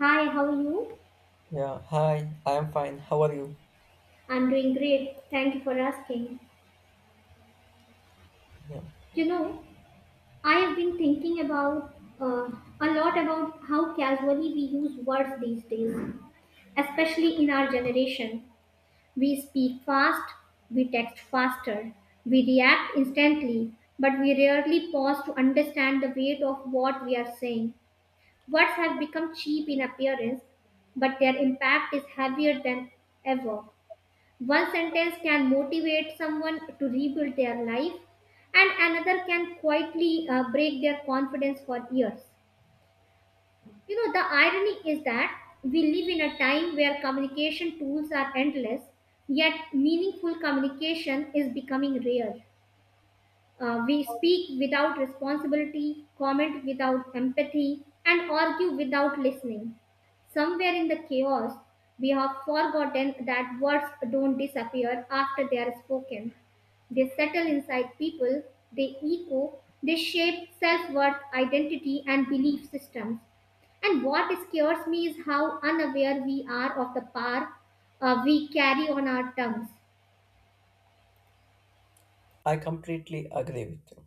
Hi, how are you? Yeah, hi, I am fine. How are you? I'm doing great. Thank you for asking. Yeah, You know, I have been thinking about uh, a lot about how casually we use words these days, especially in our generation. We speak fast, we text faster, we react instantly, but we rarely pause to understand the weight of what we are saying. Words have become cheap in appearance, but their impact is heavier than ever. One sentence can motivate someone to rebuild their life, and another can quietly break their confidence for years. You know, the irony is that we live in a time where communication tools are endless, yet meaningful communication is becoming rare. We speak without responsibility, comment without empathy, and argue without listening. Somewhere in the chaos, we have forgotten that words don't disappear after they are spoken. They settle inside people, they echo, they shape self worth, identity, and belief systems. And what scares me is how unaware we are of the power we carry on our tongues. I completely agree with you.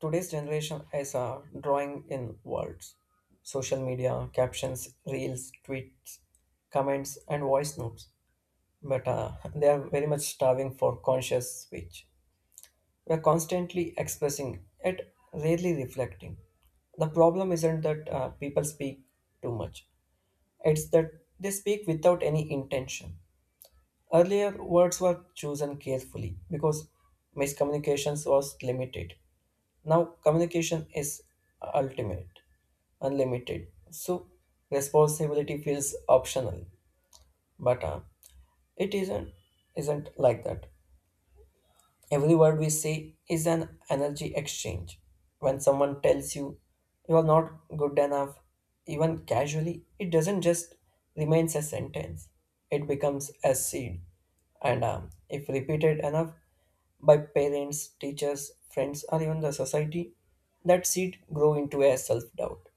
Today's generation is drawing in words. Social media, captions, reels, tweets, comments, and voice notes. But they are very much starving for conscious speech. We are constantly expressing it, rarely reflecting. The problem isn't that people speak too much, it's that they speak without any intention. Earlier, words were chosen carefully because miscommunications was limited. Now, communication is ultimate, unlimited. So, responsibility feels optional, but it isn't like that. Every word we say is an energy exchange. When someone tells you you are not good enough, even casually, it doesn't just remains a sentence. It becomes a seed. And If repeated enough by parents, teachers, friends, or even the society, that seed grow into a self-doubt.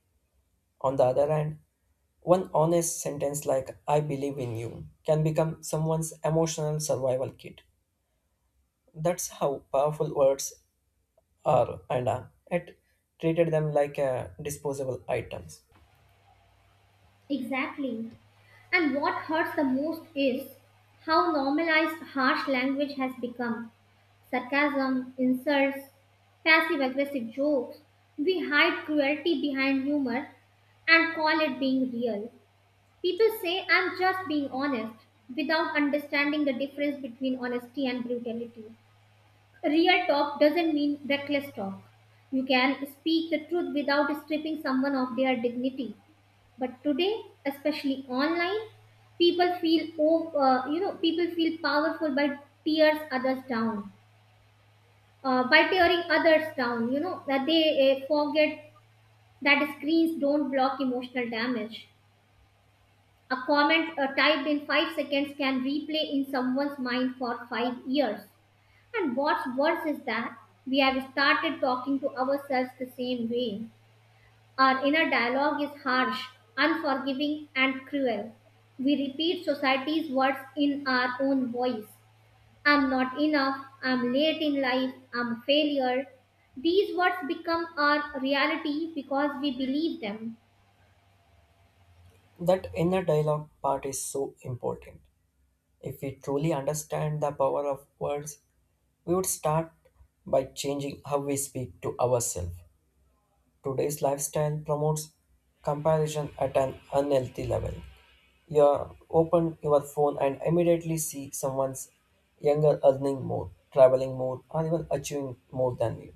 On the other hand, one honest sentence like I believe in you can become someone's emotional survival kit. That's how powerful words are and are. It treated them like disposable items. Exactly. And what hurts the most is how normalized harsh language has become sarcasm, insults, passive aggressive jokes. We hide cruelty behind humor and call it being real. People say, I'm just being honest, without understanding the difference between honesty and brutality. Real talk doesn't mean reckless talk. You can speak the truth without stripping someone of their dignity. But today, especially online, people feel oh, you know people feel powerful by tears others down, by tearing others down. You know that they forget that screens don't block emotional damage. A comment typed in five seconds can replay in someone's mind for five years. And what's worse is that we have started talking to ourselves the same way. Our inner dialogue is harsh, unforgiving, and cruel. We repeat society's words in our own voice. I'm not enough, I'm late in life, I'm a failure. These words become our reality because we believe them. That inner dialogue part is so important. If we truly understand the power of words, we would start by changing how we speak to ourselves. Today's lifestyle promotes comparison at an unhealthy level. You open your phone and immediately see someone's younger earning more, traveling more, or even achieving more than you.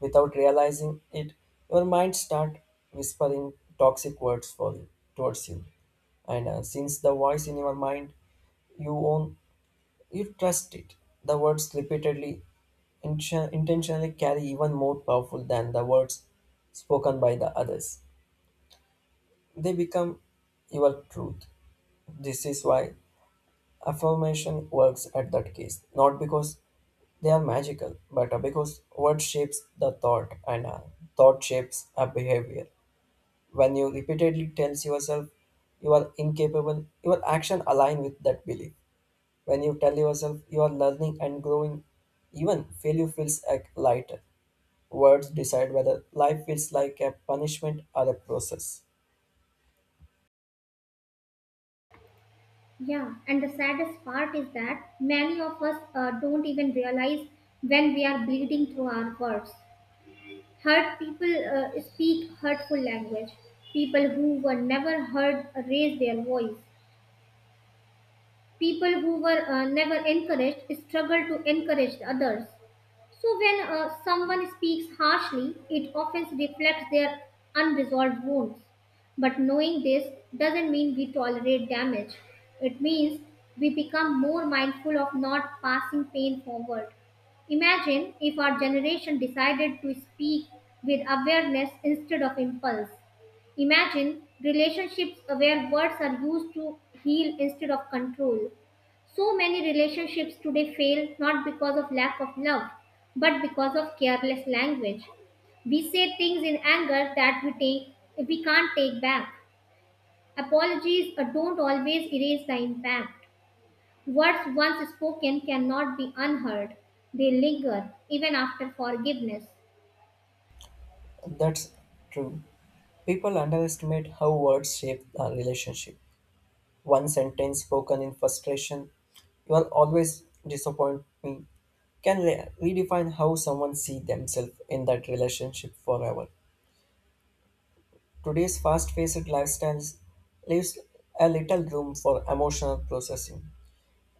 Without realizing it, your mind starts whispering toxic words for you, towards you. And Since the voice in your mind you own, you trust it. The words repeatedly intentionally carry even more powerful than the words spoken by the others. They become your truth. This is why affirmation works at that case, not because they are magical, but because word shapes the thought and thought shapes a behavior. When you repeatedly tell yourself you are incapable, your action align with that belief. When you tell yourself you are learning and growing, even failure feels like lighter. Words decide whether life feels like a punishment or a process. Yeah, and the saddest part is that many of us don't even realize when we are bleeding through our words. Hurt people speak hurtful language. People who were never heard raise their voice. People who were never encouraged struggle to encourage others. So, when someone speaks harshly, it often reflects their unresolved wounds. But knowing this doesn't mean we tolerate damage, it means we become more mindful of not passing pain forward. Imagine if our generation decided to speak with awareness instead of impulse. Imagine relationships where words are used to heal instead of control. So many relationships today fail not because of lack of love, but because of careless language. We say things in anger that we can't take back. Apologies don't always erase the impact. Words once spoken cannot be unheard. They linger even after forgiveness. That's true. People underestimate how words shape a relationship. One sentence spoken in frustration, you will always disappoint me, can redefine how someone sees themselves in that relationship forever. Today's fast-paced lifestyles leaves a little room for emotional processing.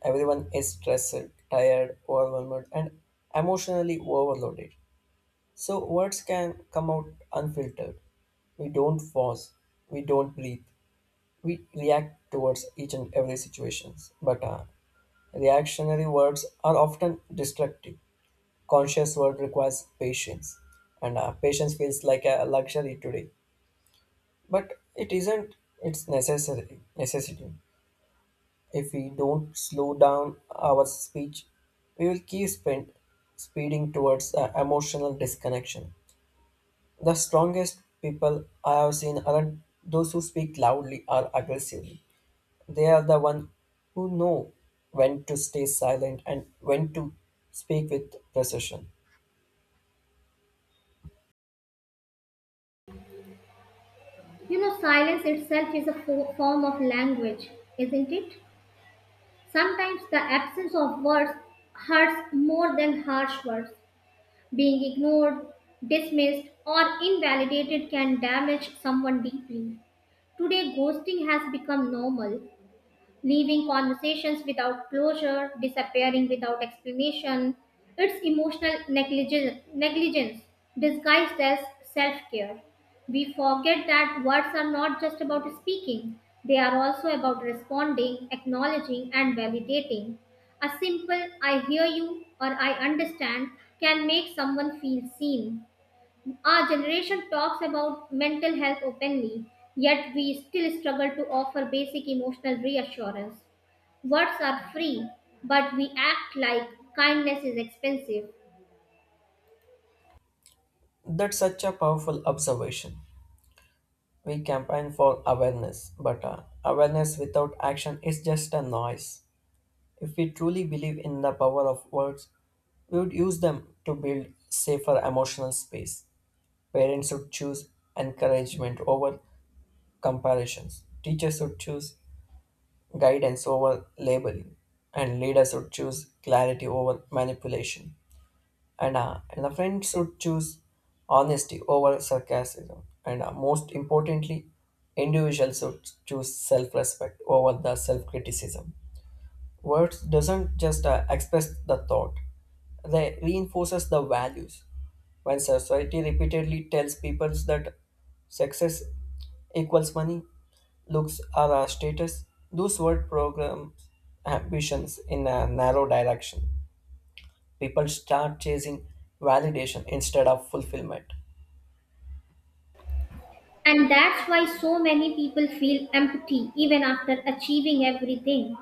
Everyone is stressed, tired, overwhelmed, and emotionally overloaded. So words can come out unfiltered. We don't pause. We don't breathe. We react towards each and every situations. But reactionary words are often destructive. Conscious word requires patience, and patience feels like a luxury today. But it isn't, its necessary necessity. If we don't slow down our speech, we will keep speeding towards emotional disconnection. The strongest people I have seen aren't those who speak loudly or aggressively. They are the one who know when to stay silent and when to speak with precision. You know, silence itself is a form of language, isn't it? Sometimes the absence of words hurts more than harsh words. Being ignored, dismissed, or invalidated can damage someone deeply. Today, ghosting has become normal, leaving conversations without closure, disappearing without explanation. It's emotional negligence disguised as self care. We forget that words are not just about speaking, they are also about responding, acknowledging, and validating. A simple I hear you or I understand can make someone feel seen. Our generation talks about mental health openly, yet we still struggle to offer basic emotional reassurance. Words are free, but we act like kindness is expensive. That's such a powerful observation. We campaign for awareness, but awareness without action is just a noise. If we truly believe in the power of words, we would use them to build safer emotional space. Parents should choose encouragement over comparisons. Teachers should choose guidance over labeling. And leaders should choose clarity over manipulation. And the friend should choose honesty over sarcasm, and most importantly individuals should choose self-respect over the self-criticism. Words doesn't just express the thought, they reinforces the values. When society repeatedly tells people that success equals money, looks are our status, those word programs ambitions in a narrow direction. People start chasing validation instead of fulfillment. And that's why so many people feel empty even after achieving everything.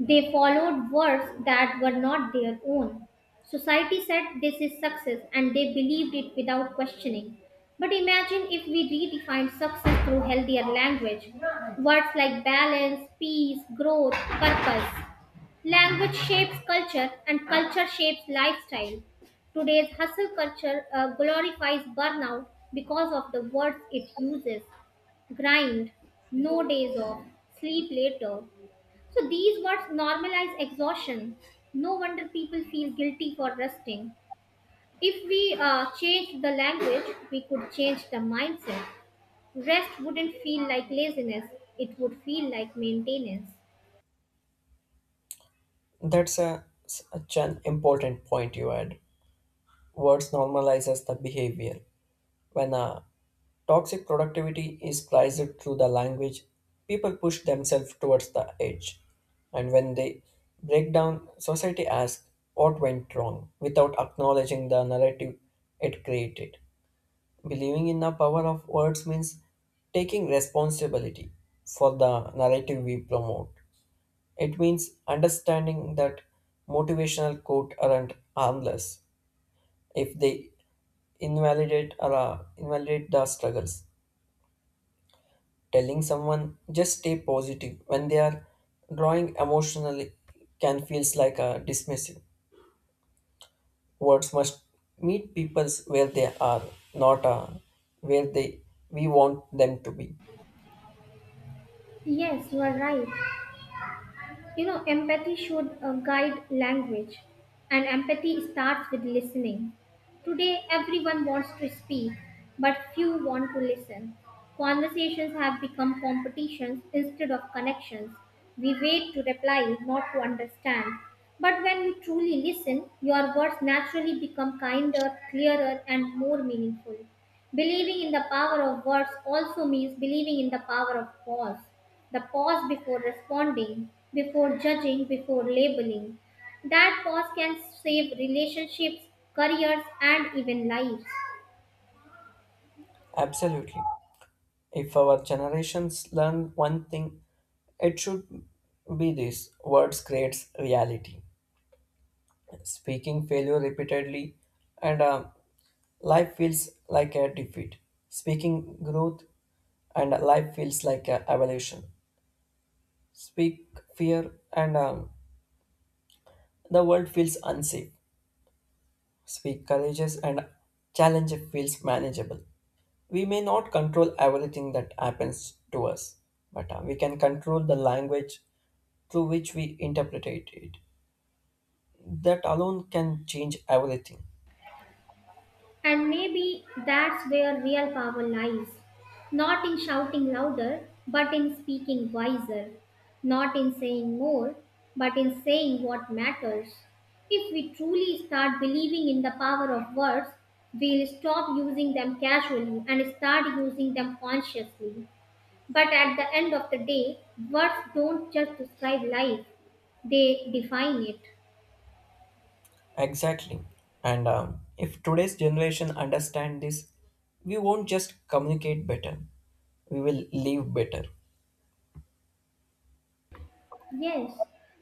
They followed words that were not their own. Society said this is success and they believed it without questioning. But imagine if we redefined success through healthier language. Words like balance, peace, growth, purpose. Language shapes culture and culture shapes lifestyle. Today's hustle culture glorifies burnout because of the words it uses grind, no days off, sleep later. So these words normalize exhaustion. No wonder people feel guilty for resting. If we changed the language, we could change the mindset. Rest wouldn't feel like laziness, it would feel like maintenance. That's a, such an important point you had. Words normalizes the behavior. When a toxic productivity is priced through the language, people push themselves towards the edge. And when they break down, society asks what went wrong without acknowledging the narrative it created. Believing in the power of words means taking responsibility for the narrative we promote. It means understanding that motivational quote aren't harmless if they invalidate the struggles. Telling someone just stay positive when they are drawing emotionally can feels like a dismissive. Words must meet people's where they are, not where they we want them to be. Yes, you are right. You know, empathy should guide language, and empathy starts with listening. Today, everyone wants to speak, but few want to listen. Conversations have become competitions instead of connections. We wait to reply, not to understand. But when you truly listen, your words naturally become kinder, clearer, and more meaningful. Believing in the power of words also means believing in the power of pause. The pause before responding, before judging, before labeling. That pause can save relationships, careers, and even lives. Absolutely. If our generations learn one thing, it should be this: words creates reality. Speaking failure repeatedly, and life feels like a defeat. Speaking growth, and life feels like a evolution. Speak fear, and the world feels unsafe. Speak courageous, and challenge feels manageable. We may not control everything that happens to us, but we can control the language through which we interpret it. That alone can change everything. And maybe that's where real power lies. Not in shouting louder, but in speaking wiser. Not in saying more, but in saying what matters. If we truly start believing in the power of words, we'll stop using them casually and start using them consciously. But at the end of the day, words don't just describe life, they define it. Exactly. And If today's generation understand this, we won't just communicate better, we will live better. Yes,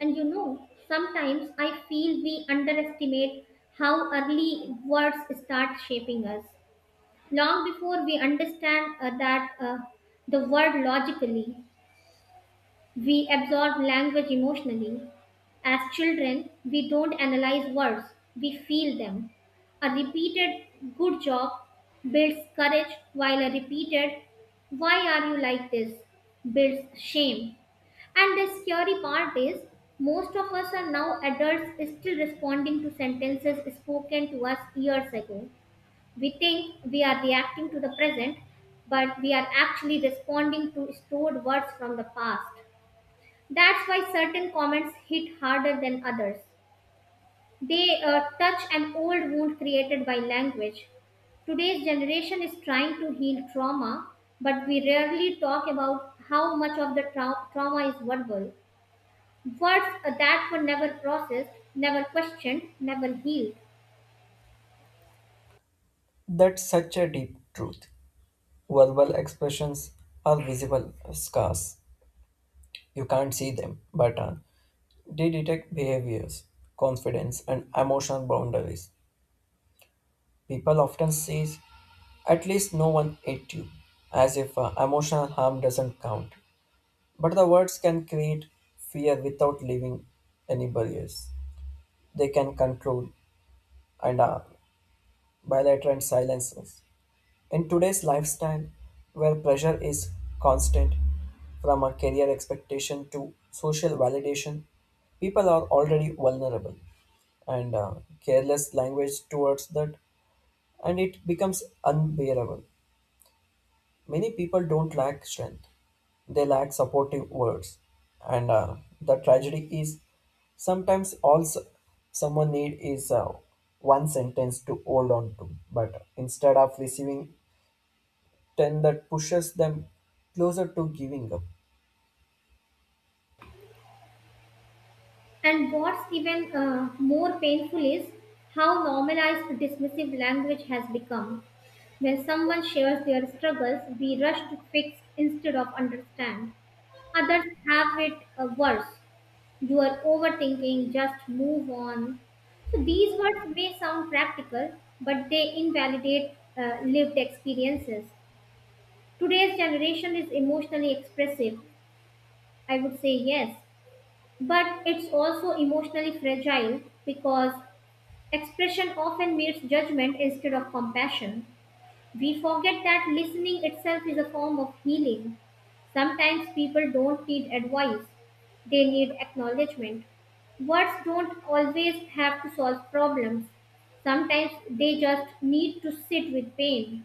and you know, sometimes I feel we underestimate how early words start shaping us. Long before we understand that the word logically, we absorb language emotionally. As children, we don't analyze words, we feel them. A repeated good job builds courage, while a repeated why are you like this builds shame. And the scary part is, most of us are now adults still responding to sentences spoken to us years ago. We think we are reacting to the present, but we are actually responding to stored words from the past. That's why certain comments hit harder than others. They touch an old wound created by language. Today's generation is trying to heal trauma, but we rarely talk about how much of the trauma is verbal. Words that were never processed, never questioned, never healed. That's such a deep truth. Verbal expressions are visible scars. You can't see them, but they detect behaviors, confidence, and emotional boundaries. People often say, at least no one ate you, as if emotional harm doesn't count. But the words can create fear without leaving any barriers. They can control and bilater and silence us. In today's lifestyle, where pressure is constant from a career expectation to social validation, people are already vulnerable and careless language towards that, and it becomes unbearable. Many people don't lack strength, they lack supportive words. And The tragedy is sometimes someone need is one sentence to hold on to, but instead of receiving 10 that pushes them closer to giving up. And what's even more painful is how normalized dismissive language has become. When someone shares their struggles, we rush to fix instead of understand. Others have it worse. You are overthinking, just move on. So these words may sound practical, but they invalidate lived experiences. Today's generation is emotionally expressive. I would say yes, but it's also emotionally fragile because expression often meets judgment instead of compassion. We forget that listening itself is a form of healing. Sometimes people don't need advice, they need acknowledgement. Words don't always have to solve problems. Sometimes they just need to sit with pain,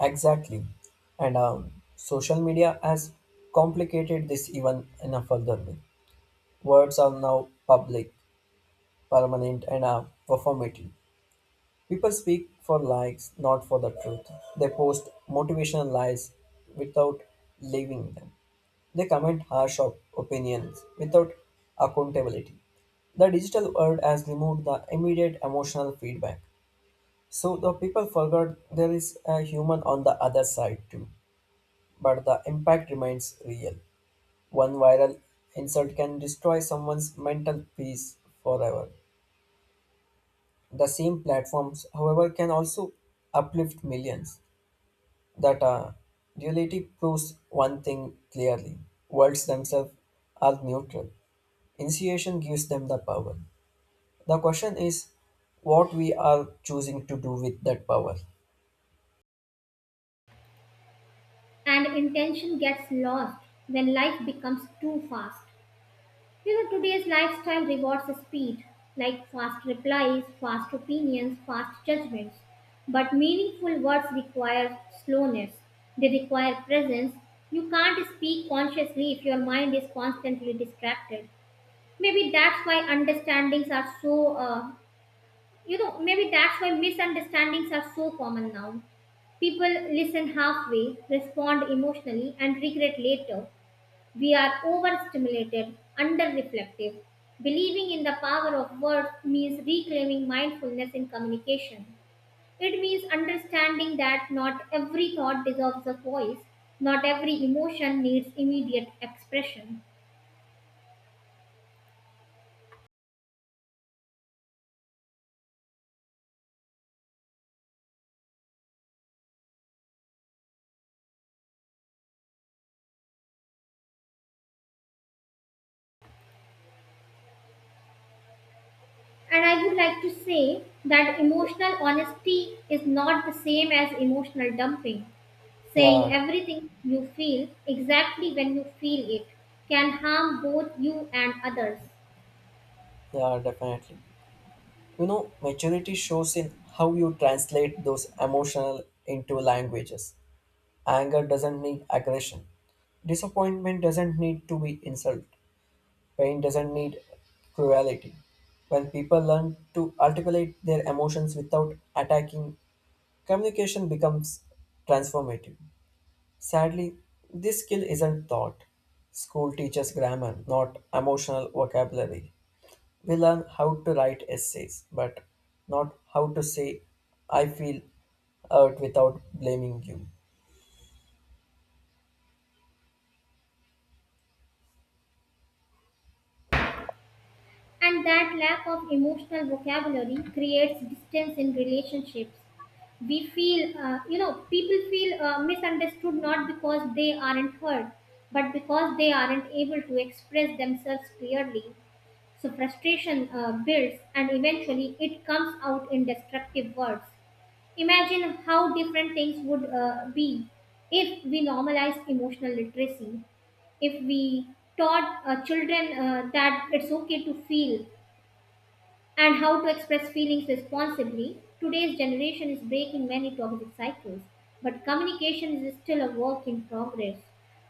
Exactly. And Social media has complicated this even in a further way. Words are now public, permanent, and performative. People speak for likes, not for the truth. They post motivational lies without living them. They comment opinions without accountability. The digital world has removed the immediate emotional feedback. So the people forgot there is a human on the other side too. But the impact remains real. One viral insult can destroy someone's mental peace forever. The same platforms, however, can also uplift millions. That duality proves one thing clearly, worlds themselves are neutral. Initiation gives them the power. The question is what we are choosing to do with that power. and intention gets lost when life becomes too fast. You know, today's lifestyle rewards speed, like fast replies, fast opinions, fast judgments. But meaningful words require slowness, they require presence. You can't speak consciously if your mind is constantly distracted. Maybe that's why understandings are so, you know, Maybe that's why misunderstandings are so common now. People listen halfway, respond emotionally, and regret later. We are overstimulated, under reflective. Believing in the power of words means reclaiming mindfulness in communication. It means understanding that not every thought deserves a voice, not every emotion needs immediate expression. And I would like to say that emotional honesty is not the same as emotional dumping. Yeah, Saying everything you feel exactly when you feel it can harm both you and others. yeah, definitely. You know, maturity shows in how you translate those emotional into languages. Anger doesn't need aggression. Disappointment doesn't need to be insult. Pain doesn't need cruelty. When people learn to articulate their emotions without attacking, communication becomes transformative. Sadly, this skill isn't taught. School teaches grammar, not emotional vocabulary. We learn how to write essays, but not how to say, I feel hurt without blaming you. And that lack of emotional vocabulary creates distance in relationships. We feel, you know, people feel misunderstood not because they aren't heard, but because they aren't able to express themselves clearly. So frustration builds and eventually it comes out in destructive words. Imagine how different things would be if we normalize emotional literacy if we taught children that it's okay to feel and how to express feelings responsibly. Today's generation is breaking many toxic cycles, but communication is still a work in progress.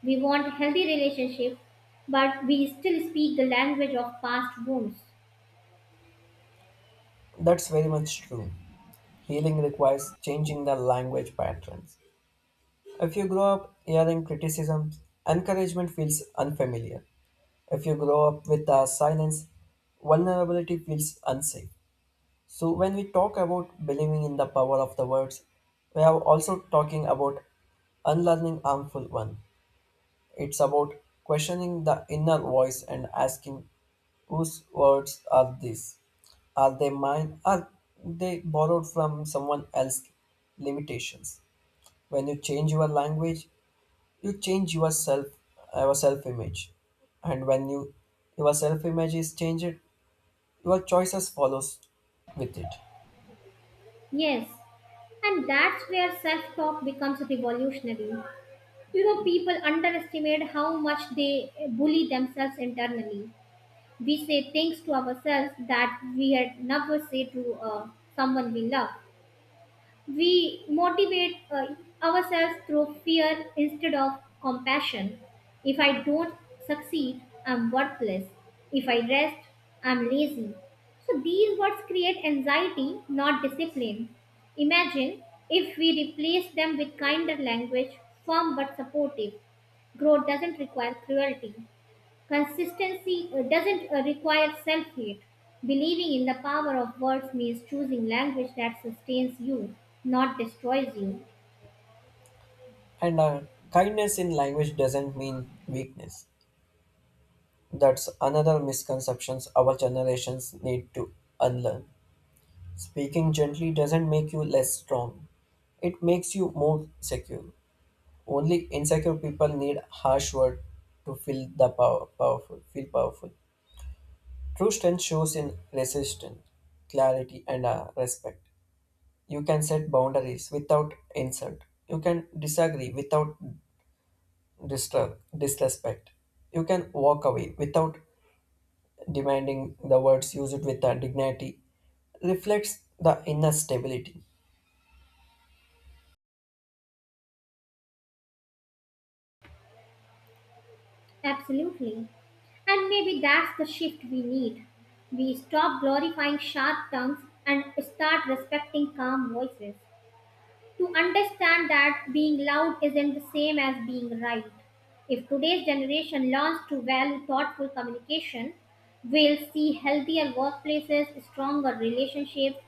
We want healthy relationships, but we still speak the language of past wounds. That's very much true. Healing requires changing the language patterns. If you grow up hearing criticism, encouragement feels unfamiliar. If you grow up with silence, vulnerability feels unsafe. So, when we talk about believing in the power of the words, we are also talking about unlearning harmful one. It's about questioning the inner voice and asking whose words are these? Are they mine? Are they borrowed from someone else's limitations? When you change your language, you change yourself, your self image, and when your self image is changed, your choices follows with it. Yes, and that's where self talk becomes revolutionary. You know, people underestimate how much they bully themselves internally. We say things to ourselves that we had never said to someone we love. We motivate ourselves through fear instead of compassion. If I don't succeed, I'm worthless. If I rest, I'm lazy. So these words create anxiety, not discipline. Imagine if we replace them with kinder language, firm but supportive. Growth doesn't require cruelty. Consistency doesn't require self hate. Believing in the power of words means choosing language that sustains you, not destroys you. And kindness in language doesn't mean weakness. That's another misconceptions our generations need to unlearn. Speaking gently doesn't make you less strong, it makes you more secure. Only insecure people need harsh word to feel powerful. True strength shows in resistance, clarity, and respect. You can set boundaries without insult. You can disagree without disrespect. You can walk away without demanding. The words used with dignity reflects the inner stability. Absolutely. And maybe that's the shift we need. We stop glorifying sharp tongues and start respecting calm voices. To understand that being loud isn't the same as being right. If today's generation learns to value thoughtful communication, we'll see healthier workplaces, stronger relationships,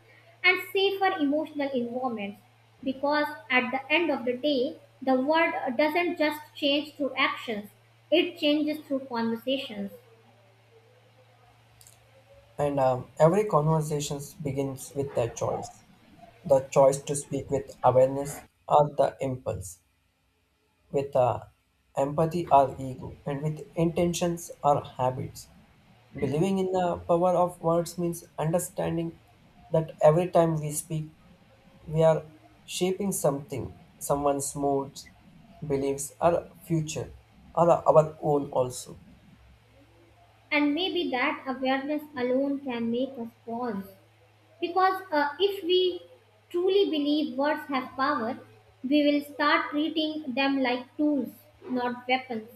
and safer emotional environments. Because at the end of the day, the world doesn't just change through actions, it changes through conversations. And Every conversation begins with a choice, the choice to speak with awareness or the impulse, with empathy or ego, and with intentions or habits. Believing in the power of words means understanding that every time we speak, we are shaping something, someone's moods, beliefs, or future, or our own also. And maybe that awareness alone can make us pause. Because if we truly believe words have power, we will start treating them like tools, not weapons.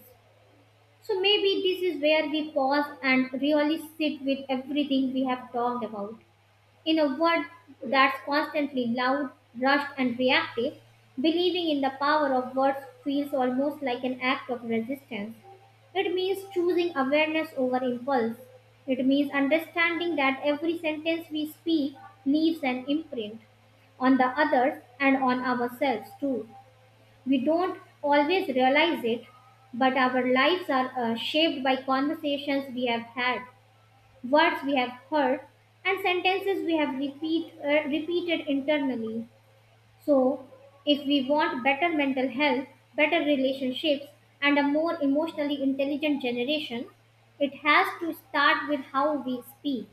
So maybe this is where we pause and really sit with everything we have talked about. In a world that's constantly loud, rushed, and reactive, believing in the power of words feels almost like an act of resistance. It means choosing awareness over impulse. It means understanding that every sentence we speak leaves an imprint on the others and on ourselves too. We don't always realize it, but our lives are shaped by conversations we have had, words we have heard, and sentences we have repeated internally. So, if we want better mental health, better relationships, and a more emotionally intelligent generation, it has to start with how we speak,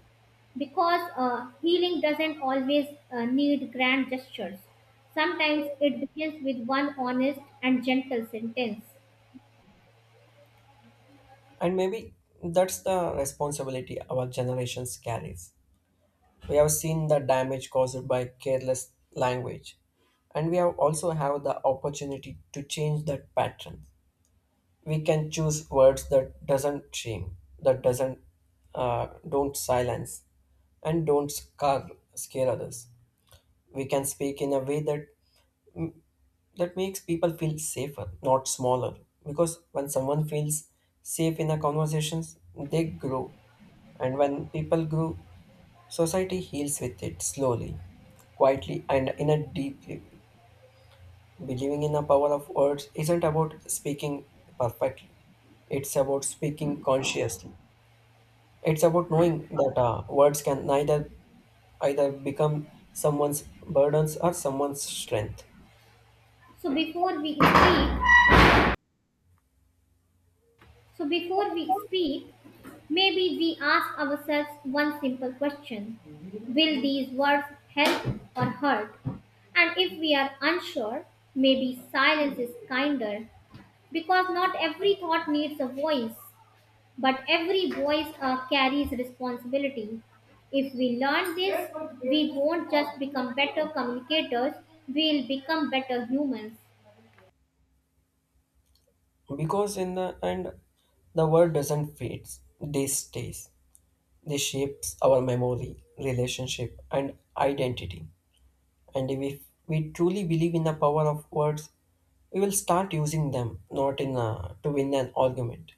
because healing doesn't always need grand gestures. Sometimes it begins with one honest and gentle sentence. And maybe that's the responsibility our generations carries. We have seen the damage caused by careless language, and we have also have the opportunity to change that pattern. We can choose words that doesn't shame, that doesn't don't silence, and don't scare others. We can speak in a way that makes people feel safer, not smaller. Because when someone feels safe in a conversations, they grow, and when people grow, society heals with it slowly, quietly, and in a deeply. Believing in the power of words isn't about speaking perfectly. It's about speaking consciously. It's about knowing that words can neither either become someone's burdens or someone's strength. So before we speak, so before we speak, maybe we ask ourselves one simple question. Will these words help or hurt? And if we are unsure, maybe silence is kinder, because not every thought needs a voice, but every voice carries responsibility. If we learn this, we won't just become better communicators, we'll become better humans. Because in the end, the world doesn't fade. They stays. They shapes our memory, relationship, and identity. And if we truly believe in the power of words, we will start using them not in to win an argument,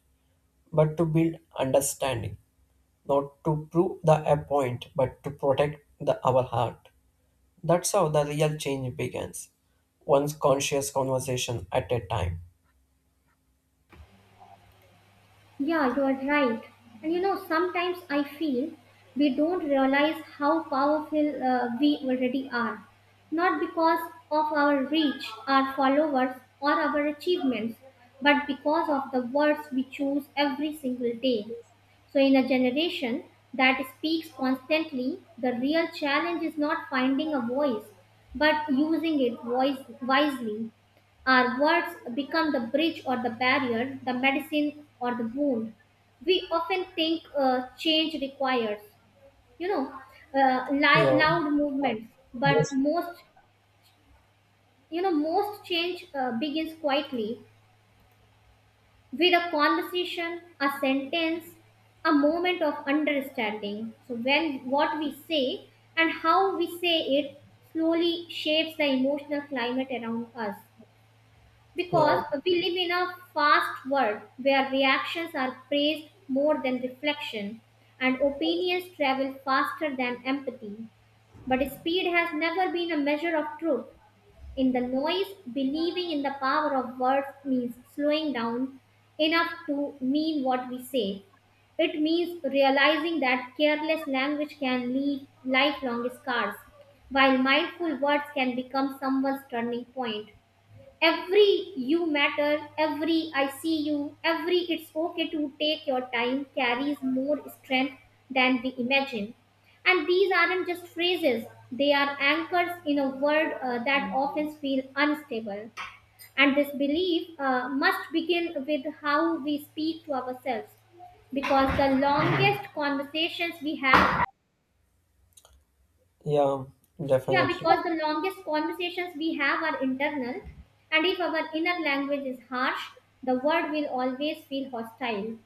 but to build understanding. Not to prove the a point, but to protect the our heart. That's how the real change begins. One conscious conversation at a time. Yeah, you are right. And you know, sometimes I feel we don't realize how powerful we already are. Not because of our reach, our followers, or our achievements, but because of the words we choose every single day. So, in a generation that speaks constantly, the real challenge is not finding a voice, but using it voice wisely. Our words become the bridge or the barrier, the medicine or the wound. We often think change requires, you know, Yeah. loud movements, but Yes. most, most change begins quietly, with a conversation, a sentence, a moment of understanding. So when what we say and how we say it slowly shapes the emotional climate around us, Yeah. because we live in a fast world where reactions are praised more than reflection and opinions travel faster than empathy. But speed has never been a measure of truth. In the noise, believing in the power of words means slowing down enough to mean what we say. It means realizing that careless language can leave lifelong scars, while mindful words can become someone's turning point. Every "you matter," every "I see you," every "it's okay to take your time" carries more strength than we imagine. And these aren't just phrases, they are anchors in a world that often feels unstable. And this belief must begin with how we speak to ourselves, because the longest conversations we have. Yeah. Yeah, Definitely. because the longest conversations we have are internal, and if our inner language is harsh, the world will always feel hostile.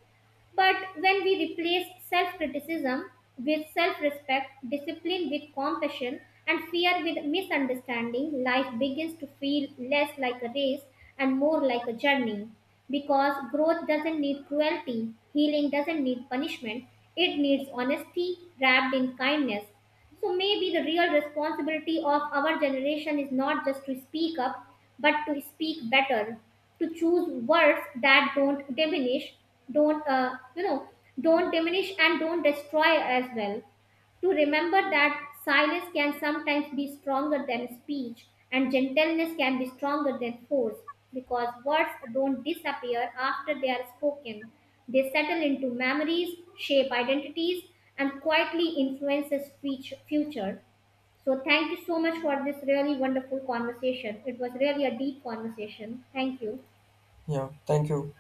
But when we replace self criticism with self respect, discipline with compassion, and fear with misunderstanding, life begins to feel less like a race and more like a journey. Because growth doesn't need cruelty, healing doesn't need punishment, it needs honesty wrapped in kindness. So maybe the real responsibility of our generation is not just to speak up, but to speak better, to choose words that don't diminish, don't you know, don't diminish and don't destroy as well, to remember that silence can sometimes be stronger than speech and gentleness can be stronger than force, because words don't disappear after they are spoken. They settle into memories, shape identities, and quietly influences future. So thank you so much for this really wonderful conversation. It was really a deep conversation. Thank you. Yeah. Thank you.